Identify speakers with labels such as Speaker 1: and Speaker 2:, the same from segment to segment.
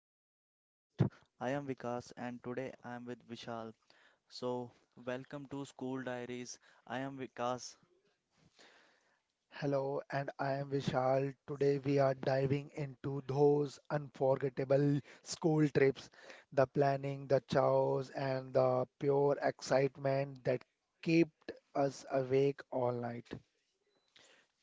Speaker 1: our podcast. I am Vikas, and today I am with Vishal. So, welcome to School Diaries. I am Vikas.
Speaker 2: Hello, and I am Vishal. Today we are diving into those unforgettable school trips, the planning, the chows, and the pure excitement that kept us awake all night.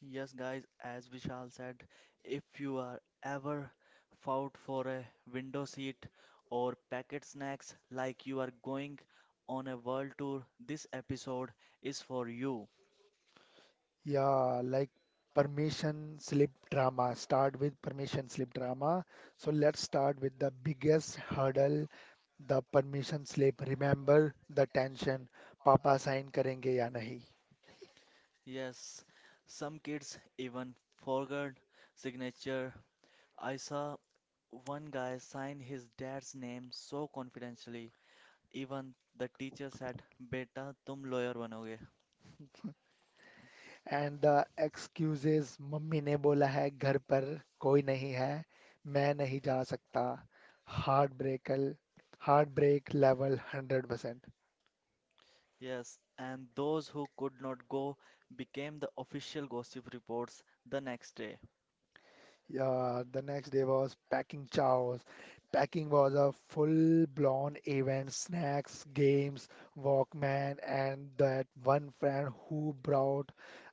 Speaker 1: Yes, guys, as Vishal said, if you are ever fought for a window seat or packet snacks like you are going on a world tour, this episode is for you.
Speaker 2: Yeah, like permission slip drama. Start with permission slip drama. So let's start with the biggest hurdle, the permission slip. Remember the tension, papa sign करेंगे या नहीं.
Speaker 1: Yes, some kids even forgot signature. I saw one guy signed his dad's name so confidentially, even the teacher said, Beta, tum lawyer banoge.
Speaker 2: And the excuses mummy ने बोला है घर पर कोई नहीं है मैं नहीं जा सकता heart break heart break level 100%.
Speaker 1: Yes, and those who could not go became the official gossip reports the next day.
Speaker 2: Yeah, the next day was packing chows. Packing was a full-blown event, snacks, games, Walkman, and that one friend who brought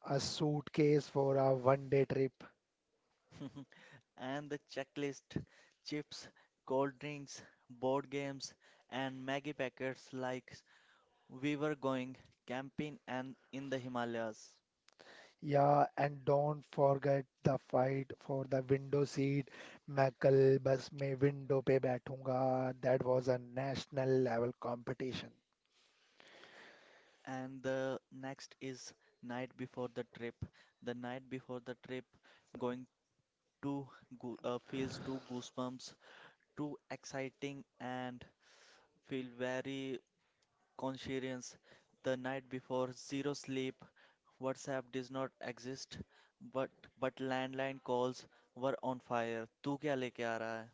Speaker 2: a suitcase for a one-day trip.
Speaker 1: And the checklist, chips, cold drinks, board games, and Maggie packets like we were going camping and in the Himalayas.
Speaker 2: Yeah, and don't forget the fight for the window seat. मैं कल बस में window पे बैठूंगा. That was a national level competition.
Speaker 1: And the next is night before the trip. The night before the trip, going To feels too goosebumps, too exciting and feel very conscientious. The night before, zero sleep. WhatsApp does not exist, but but landline calls were on fire. तू क्या लेके आ रहा है?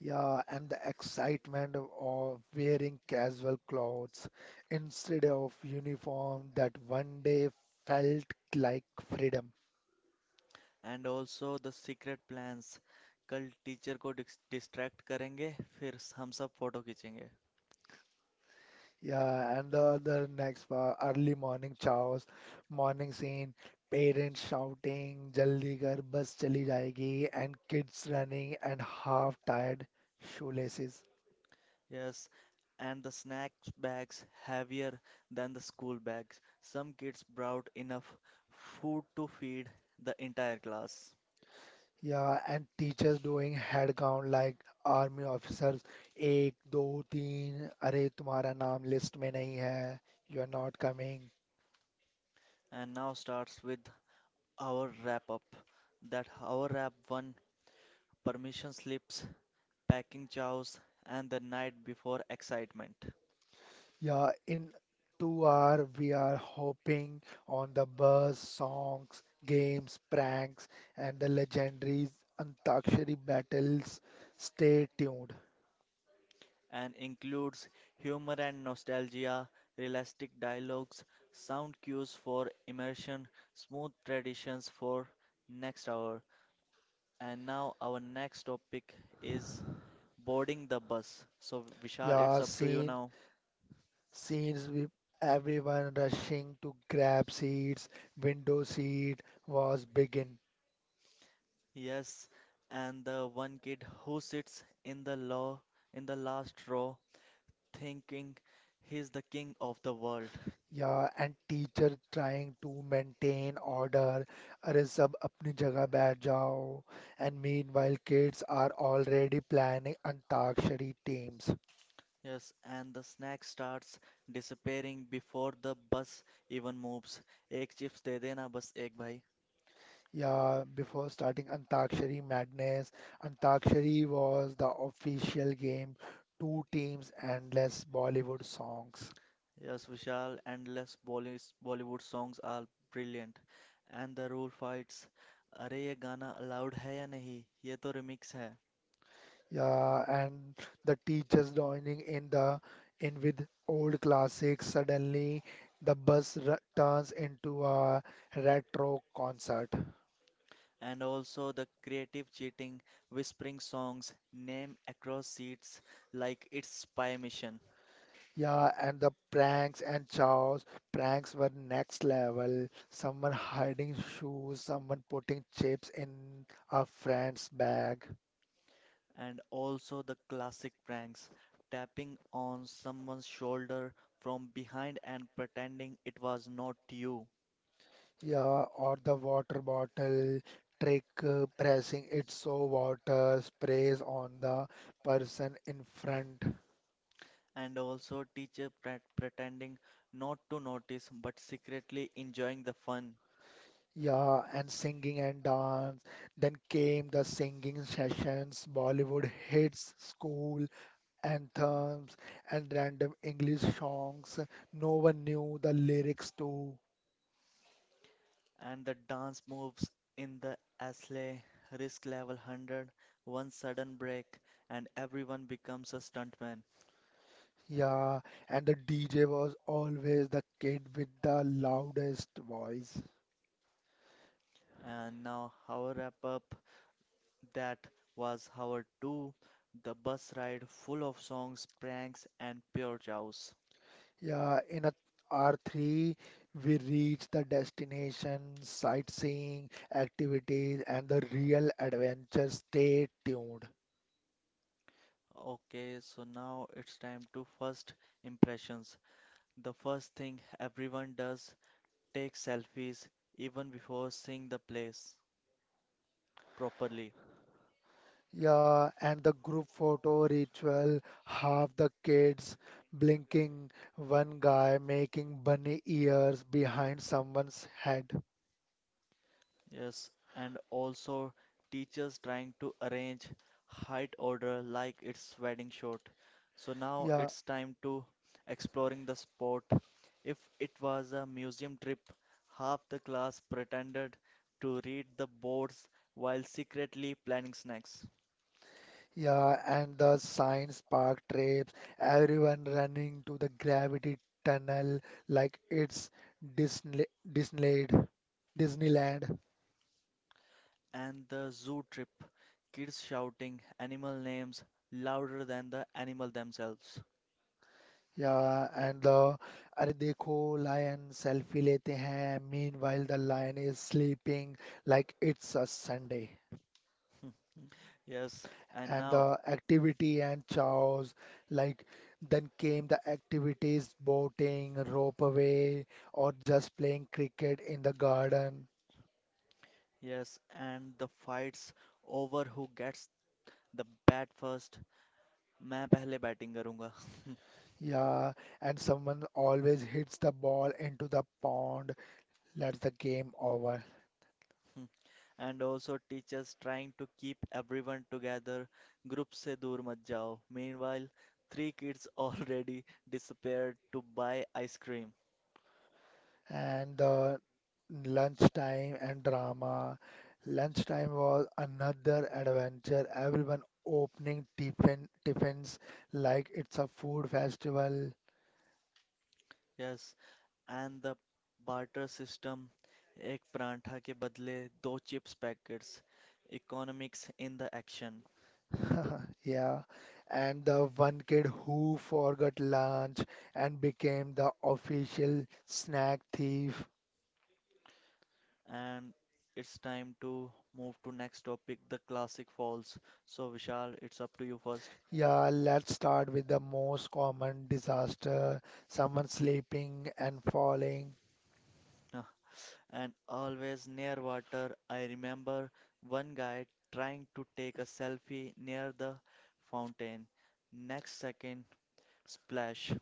Speaker 2: Yeah, and the excitement of wearing casual clothes instead of uniform that one day felt like freedom.
Speaker 1: And also the secret plans. कल teacher को distract करेंगे, फिर हम सब फोटो खींचेंगे.
Speaker 2: Yeah, and the next part, early morning chaos, morning scene, parents shouting, "Jaldi kar, bus chali jayegi," and kids running and half tied shoelaces.
Speaker 1: Yes, and the snack bags heavier than the school bags. Some kids brought enough food to feed the entire class.
Speaker 2: Yeah, and teachers doing head count like army officers. एक दो तीन अरे तुम्हारा नाम list में नहीं है. You are not coming.
Speaker 1: And now starts with our wrap up. That our wrap one permission slips, packing chows, and the night before excitement.
Speaker 2: Yeah, in 2 hour we are hopping on the bus, songs, games, pranks, and the legendary Antakshari battles. Stay tuned.
Speaker 1: And includes humor and nostalgia, realistic dialogues, sound cues for immersion, smooth traditions for next hour. And now our next topic is boarding the bus. So Vishal, it's
Speaker 2: Yeah,
Speaker 1: up to you
Speaker 2: scene
Speaker 1: now.
Speaker 2: scenes with everyone rushing to grab seats, window seat was begin.
Speaker 1: Yes, and the one kid who sits in the last row thinking he's the king of the world.
Speaker 2: Yeah, and teacher trying to maintain order, अरे सब अपनी जगह बैठ जाओ, and meanwhile kids are already planning Antakshari teams.
Speaker 1: Yes, and the snack starts disappearing before the bus even moves. एक chips दे देना बस एक भाई.
Speaker 2: Yeah, before starting Antakshari Madness, Antakshari was the official game, two teams and less Bollywood songs.
Speaker 1: Yes, Vishal, endless Bollywood songs are brilliant. And the rule fights. अरे ये गाना allowed है या नहीं ये तो remix है.
Speaker 2: Yeah, and the teachers joining in with old classics. Suddenly, the bus r turns into a retro concert.
Speaker 1: And also the creative cheating whispering songs name across seats like it's spy mission.
Speaker 2: Yeah, and the pranks and chows. Pranks were next level. Someone hiding shoes, someone putting chips in a friend's bag.
Speaker 1: And also the classic pranks tapping on someone's shoulder from behind and pretending it was not you.
Speaker 2: Yeah, or the water bottle trick, pressing it so water sprays on the person in front.
Speaker 1: And also teacher pretending not to notice but secretly enjoying the fun.
Speaker 2: Yeah, and singing and dance. Then came the singing sessions, Bollywood hits, school anthems, and random English songs. No one knew the lyrics to.
Speaker 1: And the dance moves in the asle, risk level 100, one sudden break and everyone becomes a stuntman.
Speaker 2: Yeah, and the DJ was always the kid with the loudest voice.
Speaker 1: And now our wrap up, that was our 2, the bus ride full of songs, pranks, and pure chows.
Speaker 2: Yeah, in a R3, we reached the destination, sightseeing activities, and the real adventure. Stay tuned.
Speaker 1: Okay, so now it's time to first impressions. The first thing everyone does, take selfies even before seeing the place properly.
Speaker 2: Yeah, and the group photo ritual, half the kids blinking, one guy making bunny ears behind someone's head.
Speaker 1: Yes, and also teachers trying to arrange height order like it's wedding shoot. So now
Speaker 2: Yeah,
Speaker 1: it's time to exploring the spot. If it was a museum trip, half the class pretended to read the boards while secretly planning snacks.
Speaker 2: yeah, and the science park trips, everyone running to the gravity tunnel like it's Disney, Disneyland. Disneyland.
Speaker 1: And the zoo trip, kids shouting animal names louder than the animal themselves.
Speaker 2: Yeah, and the अरे देखो lion selfie लेते हैं meanwhile the lion is sleeping like it's a Sunday.
Speaker 1: Yes, and
Speaker 2: And
Speaker 1: now,
Speaker 2: the activity and chows, like then came the activities, boating, rope away, or just playing cricket in the garden.
Speaker 1: yes, and the fights over who gets the bat first. मैं पहले batting करूंगा.
Speaker 2: Yeah, and someone always hits the ball into the pond. That's the game over.
Speaker 1: And also teachers trying to keep everyone together, group से दूर मत जाओ, meanwhile three kids already disappeared to buy ice cream.
Speaker 2: And the lunchtime and drama. Lunchtime was another adventure. Everyone opening tiffin tiffins like it's a food festival.
Speaker 1: Yes, and the barter system, एक परांठा के बदले दो chips packets, economics in the action.
Speaker 2: Yeah. And the one kid who forgot lunch and became the official snack thief.
Speaker 1: And it's time to move to next topic, the classic falls. So Vishal, it's up to you first.
Speaker 2: Yeah, let's start with the most common disaster, someone sleeping and falling.
Speaker 1: And always near water. I remember one guy trying to take a selfie near the fountain. Next second, splash.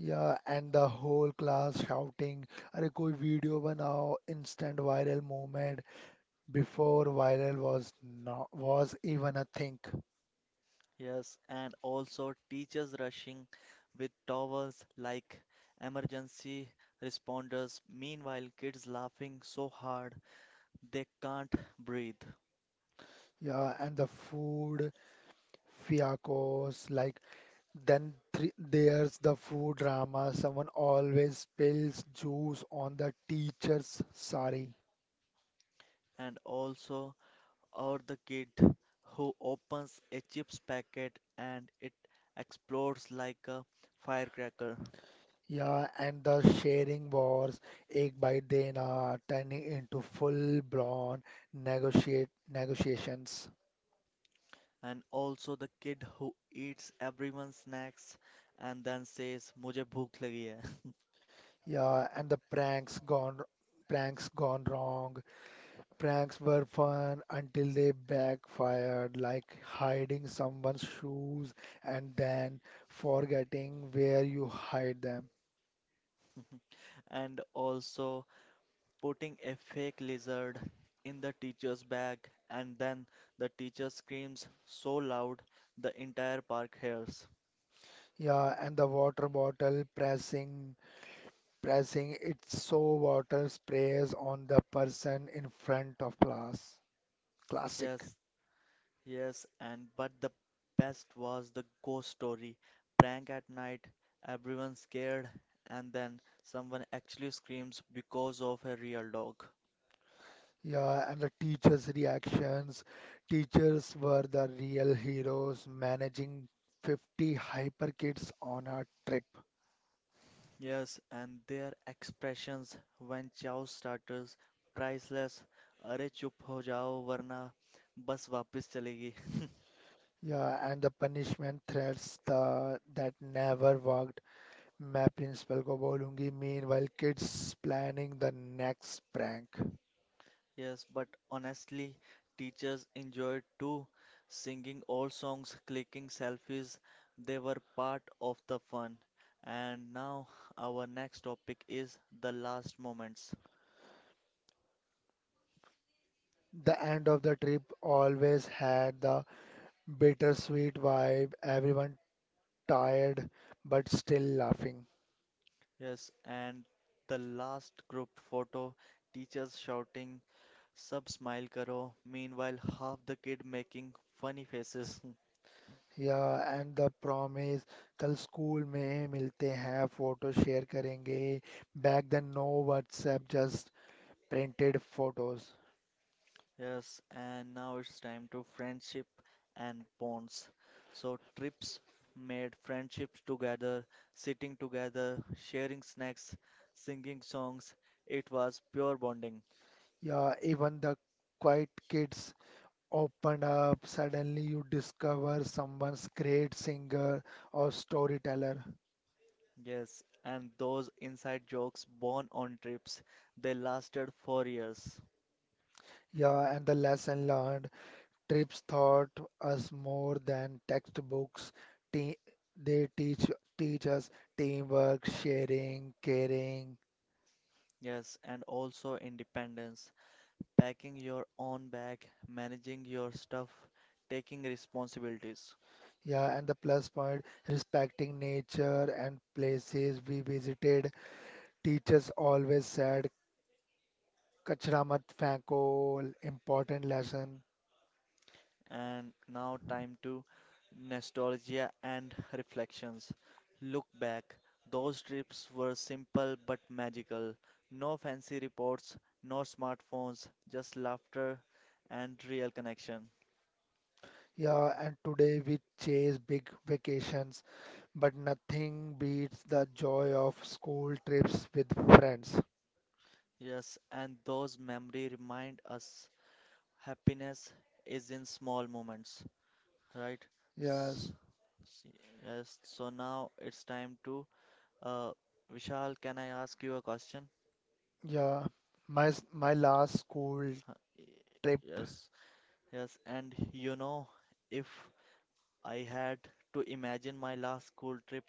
Speaker 2: Yeah, and the whole class shouting, अरे कोई video बनाओ, instant viral moment. Before viral was not was even a thing.
Speaker 1: Yes, and also teachers rushing with towels like emergency responders. Meanwhile, kids laughing so hard they can't breathe.
Speaker 2: Yeah, and the food fiascos, like then three, there's the food drama. Someone always spills juice on the teacher's sari.
Speaker 1: And also, or the kid who opens a chips packet and it explodes like a firecracker.
Speaker 2: Yeah, and the sharing wars, ek bite dena, turning into full-blown negotiate negotiations.
Speaker 1: And also the kid who eats everyone's snacks and then says, "मुझे भूख लगी है."
Speaker 2: Yeah, and the pranks gone wrong. Pranks were fun until they backfired, like hiding someone's shoes and then forgetting where you hide them.
Speaker 1: And also putting a fake lizard in the teacher's bag, and then the teacher screams so loud the entire park hears.
Speaker 2: Yeah, and the water bottle pressing its so water sprays on the person in front of class. Classic.
Speaker 1: Yes, yes, and but the best was the ghost story. Prank at night, everyone scared, and then someone actually screams because of a real dog.
Speaker 2: Yeah, and the teachers' reactions. Teachers were the real heroes managing 50 hyper kids on a trip.
Speaker 1: Yes, and their expressions when chow starters, priceless. अरे चुप हो जाओ वरना बस वापस चलेगी.
Speaker 2: Yeah, and the punishment threats that never worked. मैं principal को बोलूंगी. Meanwhile, kids planning the next prank.
Speaker 1: Yes, but honestly, teachers enjoyed too, singing old songs, clicking selfies, they were part of the fun. And now our next topic is the last moments.
Speaker 2: The end of the trip always had the bittersweet vibe, everyone tired but still laughing.
Speaker 1: Yes, and the last group photo, teachers shouting, sub smile karo, meanwhile half the kid making funny faces.
Speaker 2: Yeah and the promise कल school में मिलते हैं photo share करेंगे back then no WhatsApp just printed photos.
Speaker 1: Yes, and now it's time to friendship and bonds. So, trips made friendships together, sitting together, sharing snacks, singing songs. It was pure bonding.
Speaker 2: Yeah, even the quiet kids opened up. Suddenly, you discover someone's great singer or storyteller.
Speaker 1: Yes, and those inside jokes born on trips, they lasted 4 years.
Speaker 2: Yeah, and the lesson learned. Trips taught us more than textbooks. Te- they teach us teamwork, sharing, caring.
Speaker 1: Yes, and also independence, packing your own bag, managing your stuff, taking responsibilities.
Speaker 2: Yeah, and the plus point, respecting nature and places we visited. Teachers always said, "Kachra mat feko," important lesson.
Speaker 1: And now, time to nostalgia and reflections. Look back, those trips were simple but magical. No fancy reports, no smartphones, just laughter and real connection.
Speaker 2: Yeah, and today we chase big vacations, but nothing beats the joy of school trips with friends.
Speaker 1: Yes, and those memories remind us happiness is in small moments, right?
Speaker 2: Yes.
Speaker 1: S- s- Yes, so now it's time to uh, Vishal, can I ask you a question?
Speaker 2: Yeah, my last school
Speaker 1: Huh,
Speaker 2: trip.
Speaker 1: yes, yes, and if I had to imagine my last school trip.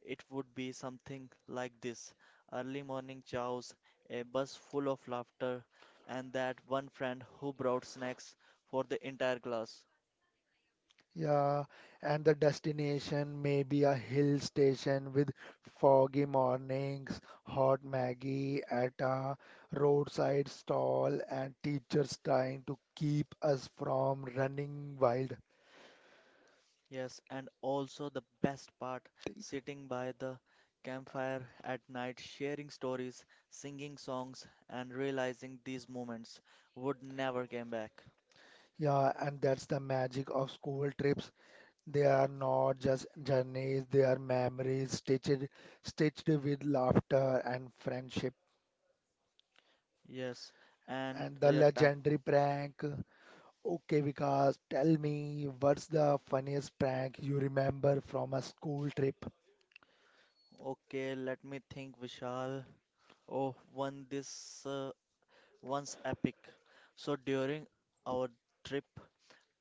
Speaker 1: It would be something like this, early morning chows, a bus full of laughter, and that one friend who brought snacks for the entire class.
Speaker 2: Yeah, and the destination may be a hill station with foggy mornings, hot Maggie at a roadside stall, and teachers trying to keep us from running wild.
Speaker 1: Yes, and also the best part, sitting by the campfire at night, sharing stories, singing songs, and realizing these moments would never come back.
Speaker 2: Yeah, and that's the magic of school trips. They are not just journeys, they are memories stitched with laughter and friendship.
Speaker 1: Yes, and
Speaker 2: And the
Speaker 1: yeah, time.
Speaker 2: legendary prank. Okay, Vikas, tell me what's the funniest prank you remember from a school trip?
Speaker 1: Okay, let me think, Vishal. Oh, one's epic. So during our trip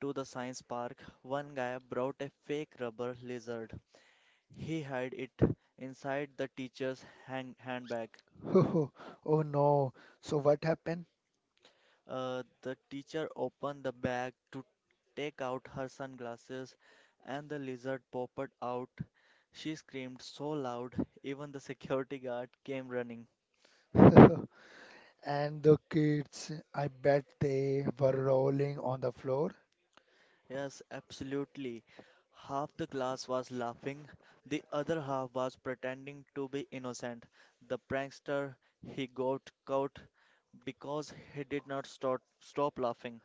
Speaker 1: to the science park, one guy brought a fake rubber lizard. He hid it inside the teacher's hang handbag.
Speaker 2: Oh no, so what happened?
Speaker 1: The teacher opened the bag to take out her sunglasses, and the lizard popped out. She screamed so loud, even the security guard came running.
Speaker 2: And the kids, I bet they were rolling on the floor.
Speaker 1: Yes, absolutely. Half the class was laughing, the other half was pretending to be innocent. The prankster, he got caught because he did not stop laughing.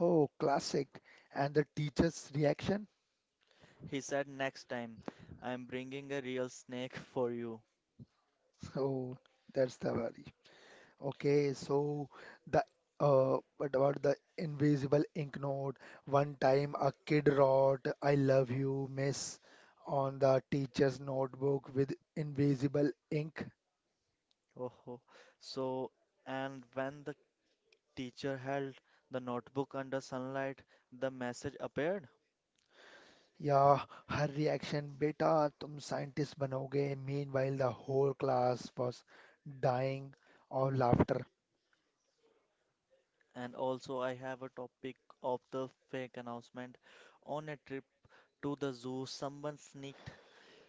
Speaker 2: Oh, classic. And the teacher's reaction?
Speaker 1: He said, "Next time, I am bringing a real snake for you."
Speaker 2: Oh, that's the worst. Okay, so the what about the invisible ink note? One time a kid wrote "I love you, miss" on the teacher's notebook with invisible ink.
Speaker 1: Oh, ho. So, and when the teacher held the notebook under sunlight, the message appeared.
Speaker 2: Yeah, her reaction, "Beta, tum scientist banoge." Meanwhile, the whole class was dying of laughter.
Speaker 1: And also, I have a topic of the fake announcement. On a trip to the zoo, someone sneaked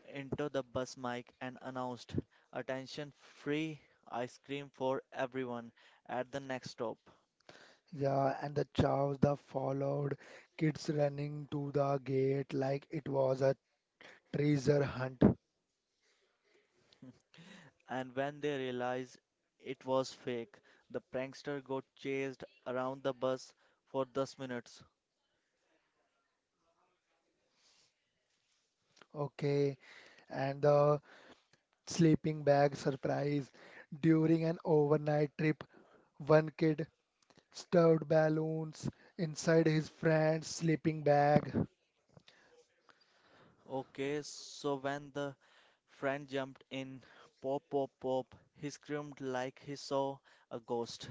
Speaker 1: into the bus mic and announced, "Attention, free ice cream for everyone at the next stop."
Speaker 2: Yeah, and the chaos that followed, kids running to the gate like it was a treasure hunt.
Speaker 1: And when they realized it was fake, the prankster got chased around the bus for 10 minutes.
Speaker 2: Okay, and the sleeping bag surprise. During an overnight trip, one kid stuffed balloons inside his friend's sleeping bag.
Speaker 1: Okay, so when the friend jumped in, pop, pop, pop, he screamed like he saw a ghost.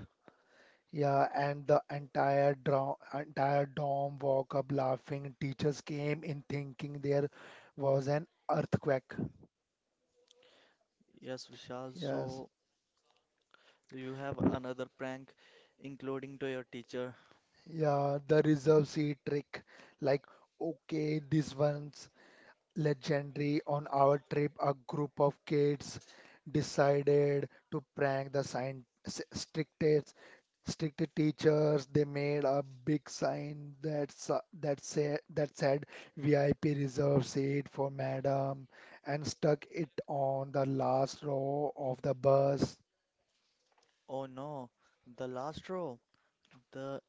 Speaker 2: Yeah, and the entire dorm woke up laughing. Teachers came in thinking there was an earthquake.
Speaker 1: Yes, Vishal,
Speaker 2: Yes.
Speaker 1: so you have another prank, including to your teacher.
Speaker 2: Yeah, the reserve seat trick. Like, okay, this one legendary on our trip, a group of kids decided to prank the science strictest strict teachers. They made a big sign that said VIP reserved seat for madam, and stuck it on the last row of the bus.
Speaker 1: Oh no, the last row, the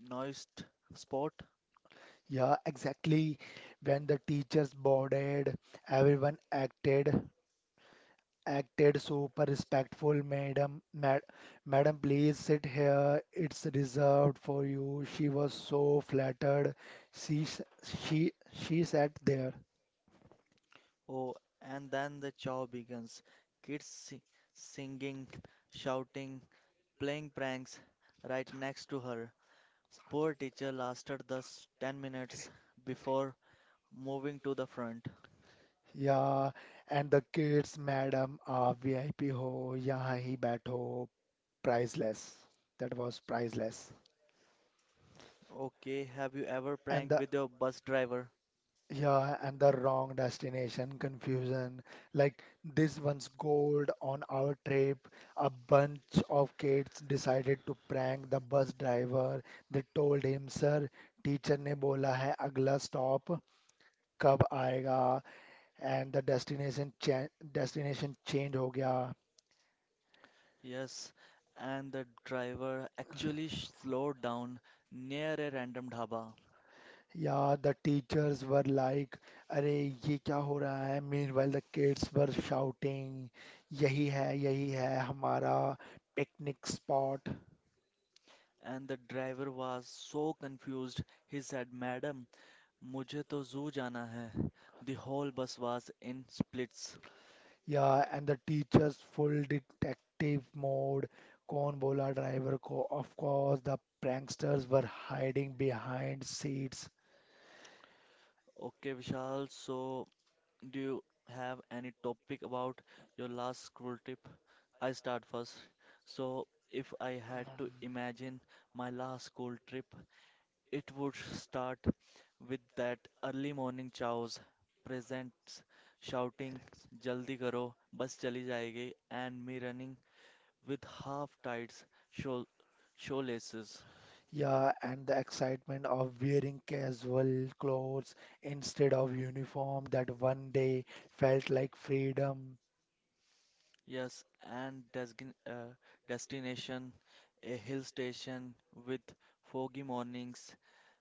Speaker 1: noised spot.
Speaker 2: Yeah, exactly. When the teachers boarded, everyone acted super respectful, madam. Madam, please sit here. It's reserved for you. She was so flattered. She s- she sat there.
Speaker 1: Oh, and then the chow begins. Kids singing, shouting, playing pranks right next to her. Poor teacher lasted 10 minutes before moving to the front.
Speaker 2: Yeah, and the kids, madam, आप VIP हो, यहाँ ही बैठो, priceless. That was priceless.
Speaker 1: Okay, have you ever
Speaker 2: And
Speaker 1: pranked
Speaker 2: the
Speaker 1: with your bus driver?
Speaker 2: Yeah, and the wrong destination confusion. Like this one's gold on our trip. A bunch of kids decided to prank the bus driver. They told him, "Sir, teacher ne bola hai agla stop कब आएगा and the destination destination change हो गया
Speaker 1: Yes, and the driver actually slowed down near a random dhaba.
Speaker 2: या." The teachers were like, अरे ये क्या हो रहा है meanwhile the kids were shouting, यही है हमारा picnic spot.
Speaker 1: And the driver was so confused. He said, "Madam, mujhe to zoo jana hai." The whole bus was in splits.
Speaker 2: Yeah, and the teacher's full detective mode, Cornbola driver, co of course, the pranksters were hiding behind seats.
Speaker 1: Okay, Vishal, so do you have any topic about your last school trip? I start first. So, if I had to imagine my last school trip, it would start with that early morning chows, presents, shouting,
Speaker 2: Parents.
Speaker 1: "Jaldi karo, bus chali jayegi," and me running with half-tides, shoal shoelaces.
Speaker 2: Yeah, and the excitement of wearing casual clothes instead of uniform that one day felt like freedom.
Speaker 1: Yes, and destination, a hill station with foggy mornings,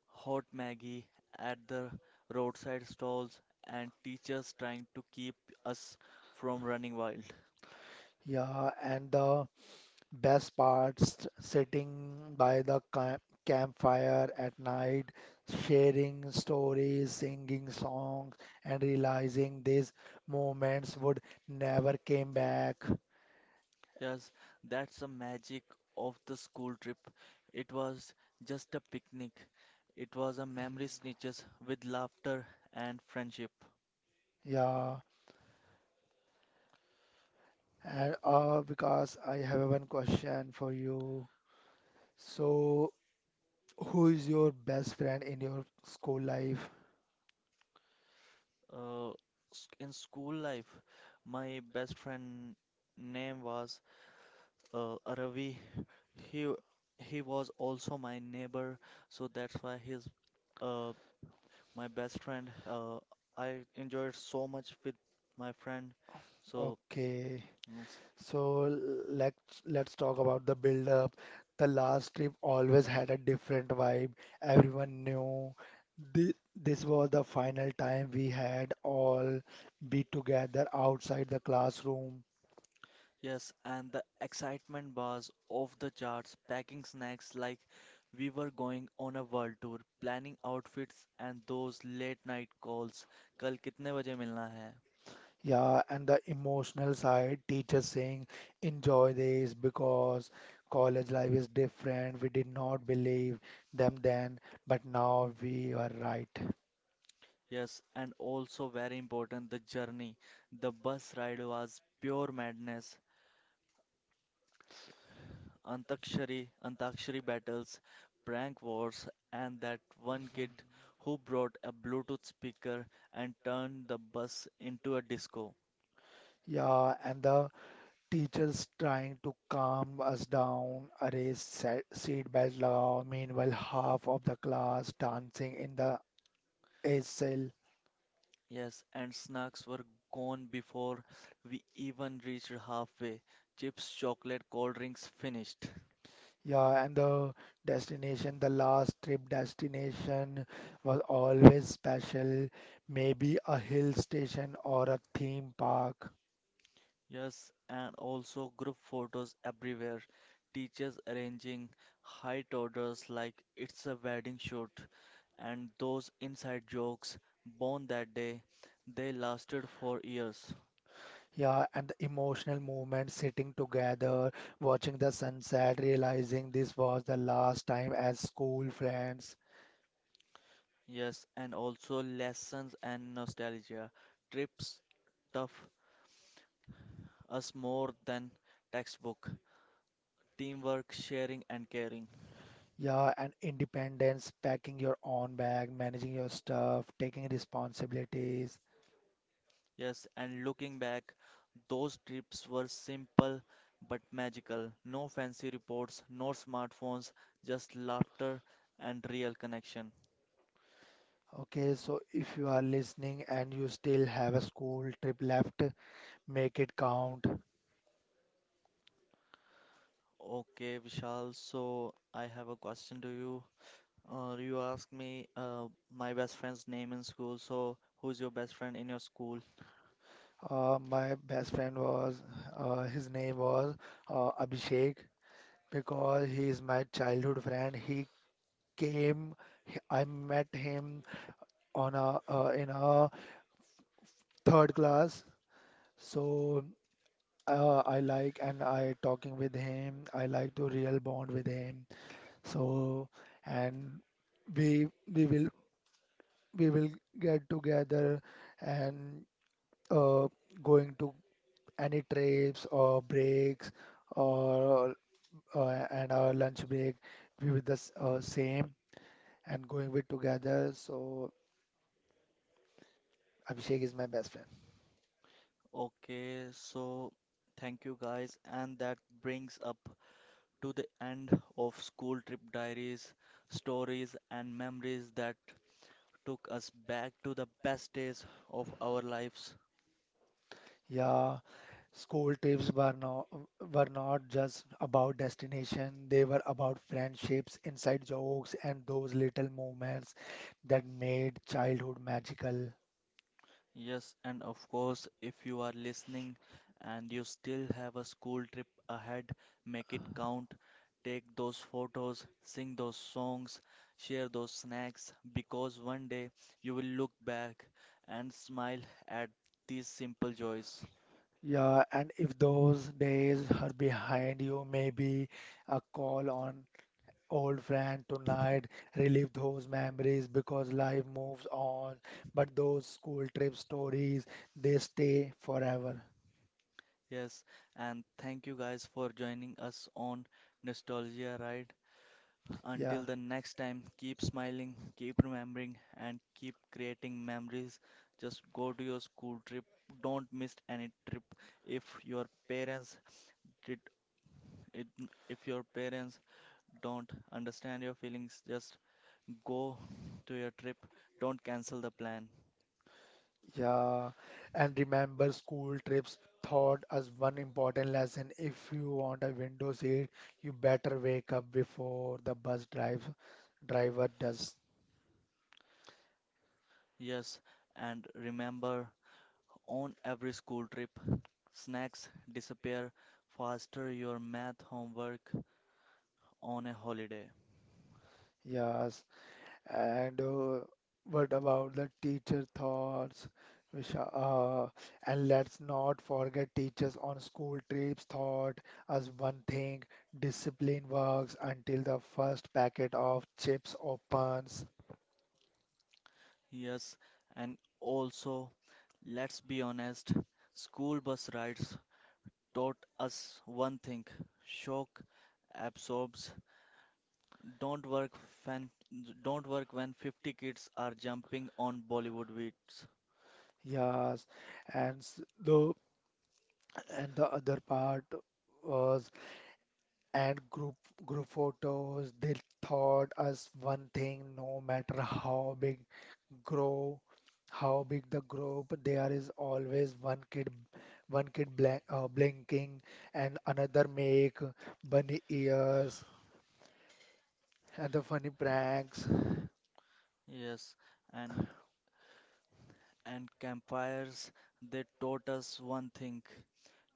Speaker 1: hot Maggie at the roadside stalls, and teachers trying to keep us from running wild.
Speaker 2: Yeah, and the Best parts sitting by the campfire at night, sharing stories, singing songs, and realizing these moments would never came back.
Speaker 1: Yes, that's the magic of the school trip. It was just a picnic. It was a memory snitches with laughter and friendship.
Speaker 2: Yeah, and because I have one question for you. So, who is your best friend in your school life?
Speaker 1: Uh, in school life, my best friend name was Ravi. He he was also my neighbor, so that's why he's uh, my best friend. I enjoyed so much with my friend. So
Speaker 2: Okay.
Speaker 1: yes,
Speaker 2: So let's talk about the build up. The last trip always had a different vibe. Everyone knew this was the final time we had all be together outside the classroom.
Speaker 1: yes, and the excitement was off the charts, packing snacks like we were going on a world tour, planning outfits and those late night calls. कल कितने बजे मिलना है.
Speaker 2: Yeah, and the emotional side, teachers saying, enjoy this because college life is different. We did not believe them then, but now we are right.
Speaker 1: Yes, and also very important the journey. The bus ride was pure madness. Antakshari battles, prank wars, and that one kid who brought a Bluetooth speaker and turned the bus into a disco.
Speaker 2: Yeah, and the teachers trying to calm us down, arrange seat belt law. Meanwhile, half of the class dancing in the A cell.
Speaker 1: Yes, and snacks were gone before we even reached halfway. Chips, chocolate, cold drinks finished.
Speaker 2: Yeah, and the destination, the last trip destination was always special. Maybe a hill station or a theme park.
Speaker 1: Yes, and also group photos everywhere, teachers arranging height orders like it's a wedding shoot, and those inside jokes born that day, they lasted for years.
Speaker 2: Yeah, and the emotional moment, sitting together, watching the sunset, realizing this was the last time as school friends.
Speaker 1: Yes, and also lessons and nostalgia. Trips tough us more than textbook. Teamwork, sharing, and caring.
Speaker 2: Yeah, and independence, packing your own bag, managing your stuff, taking responsibilities.
Speaker 1: Yes, and looking back, those trips were simple but magical. No fancy reports, no smartphones, just laughter and real connection.
Speaker 2: Okay, so if you are listening and you still have a school trip left, make it count.
Speaker 1: Okay, Vishal, so I have a question to you. You asked me my best friend's name in school, so who's your best friend in your school?
Speaker 2: My best friend was, his name was Abhishek, because he is my childhood friend. He came, I met him on a in a third class. So I like and I talking with him. I like to real bond with him. So and we we will we will get together and uh, going to any trips or breaks or uh, and our lunch break we with the same and going with together. So Abhishek is my best friend.
Speaker 1: Okay, so thank you guys, and that brings up to the end of school trip diaries, stories, and memories that took us back to the best days of our lives.
Speaker 2: Yeah, School trips were not just about destination, they were about friendships, inside jokes, and those little moments that made childhood magical.
Speaker 1: Yes, and of course, if you are listening and you still have a school trip ahead, make it count. Take those photos, sing those songs, share those snacks, because one day you will look back and smile at these simple joys.
Speaker 2: Yeah, and if those days are behind you, maybe a call on old friend tonight, relive those memories because life moves on, but those school trip stories, they stay forever.
Speaker 1: Yes, and thank you guys for joining us on Nostalgia Ride.
Speaker 2: Yeah.
Speaker 1: Until the next time, keep smiling, keep remembering, and keep creating memories. Just go to your school trip. Don't miss any trip. If your parents did, it, if your parents don't understand your feelings, just go to your trip. Don't cancel the plan.
Speaker 2: Yeah, and remember, school trips taught us one important lesson. If you want a window seat, you better wake up before the bus drive driver does.
Speaker 1: Yes, and remember, on every school trip, snacks disappear faster your math homework on a holiday.
Speaker 2: Yes, and what about the teacher thoughts, Visha? And let's not forget teachers on school trips taught us one thing: discipline works until the first packet of chips opens.
Speaker 1: Yes, and also, let's be honest, school bus rides taught us one thing: shock absorbs don't work when when 50 kids are jumping on Bollywood beats.
Speaker 2: Yes, and s- though. And the other part was and group photos, they taught us one thing: no matter how big grow how big the group, there is always one kid blinking and another make bunny ears and the funny pranks.
Speaker 1: Yes, and and campfires, they taught us one thing: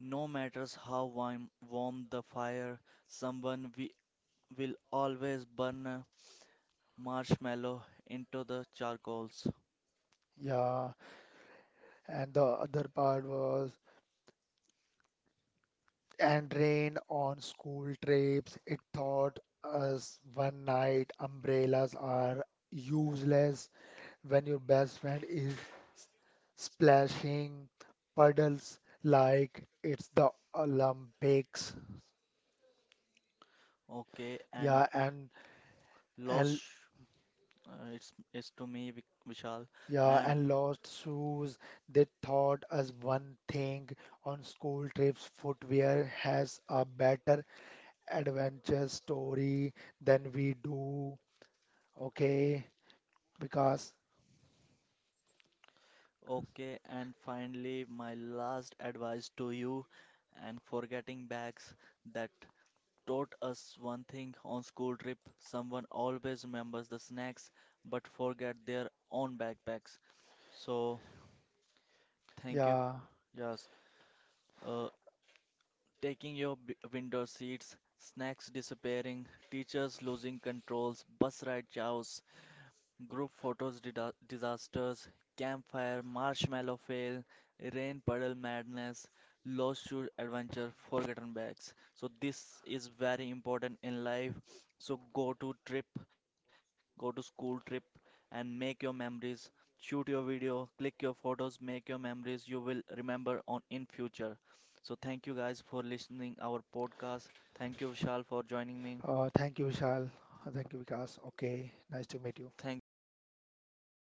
Speaker 1: no matters how warm the fire, someone we will always burn a marshmallow into the charcoals.
Speaker 2: Yeah, and the other part was and rain on school trips. It taught us one night umbrellas are useless when your best friend is s- splashing puddles like it's the Olympics.
Speaker 1: Okay, and
Speaker 2: Yeah,
Speaker 1: lost
Speaker 2: and
Speaker 1: It's to me, Vishal.
Speaker 2: yeah,
Speaker 1: And
Speaker 2: and lost shoes. They taught us one thing on school trips, footwear has a better adventure story than we do. Okay, because
Speaker 1: okay, and finally, my last advice to you, and forgetting bags that taught us one thing on school trip. Someone always remembers the snacks, but forget their own backpacks. So thank you.
Speaker 2: yeah,
Speaker 1: Yes. Uh, Taking your b window seats, snacks disappearing, teachers losing controls, bus ride chaos. Group photos, disasters, campfire, marshmallow fail, rain puddle madness, lost shoes adventure, forgotten bags. So this is very important in life. So go to trip, go to school trip and make your memories. Shoot your video, click your photos, make your memories you will remember on in future. So thank you guys for listening our podcast. Thank you Vishal for joining me.
Speaker 2: thank you, Vishal. Thank you, Vikas. Okay, nice to meet you.
Speaker 1: Thank thank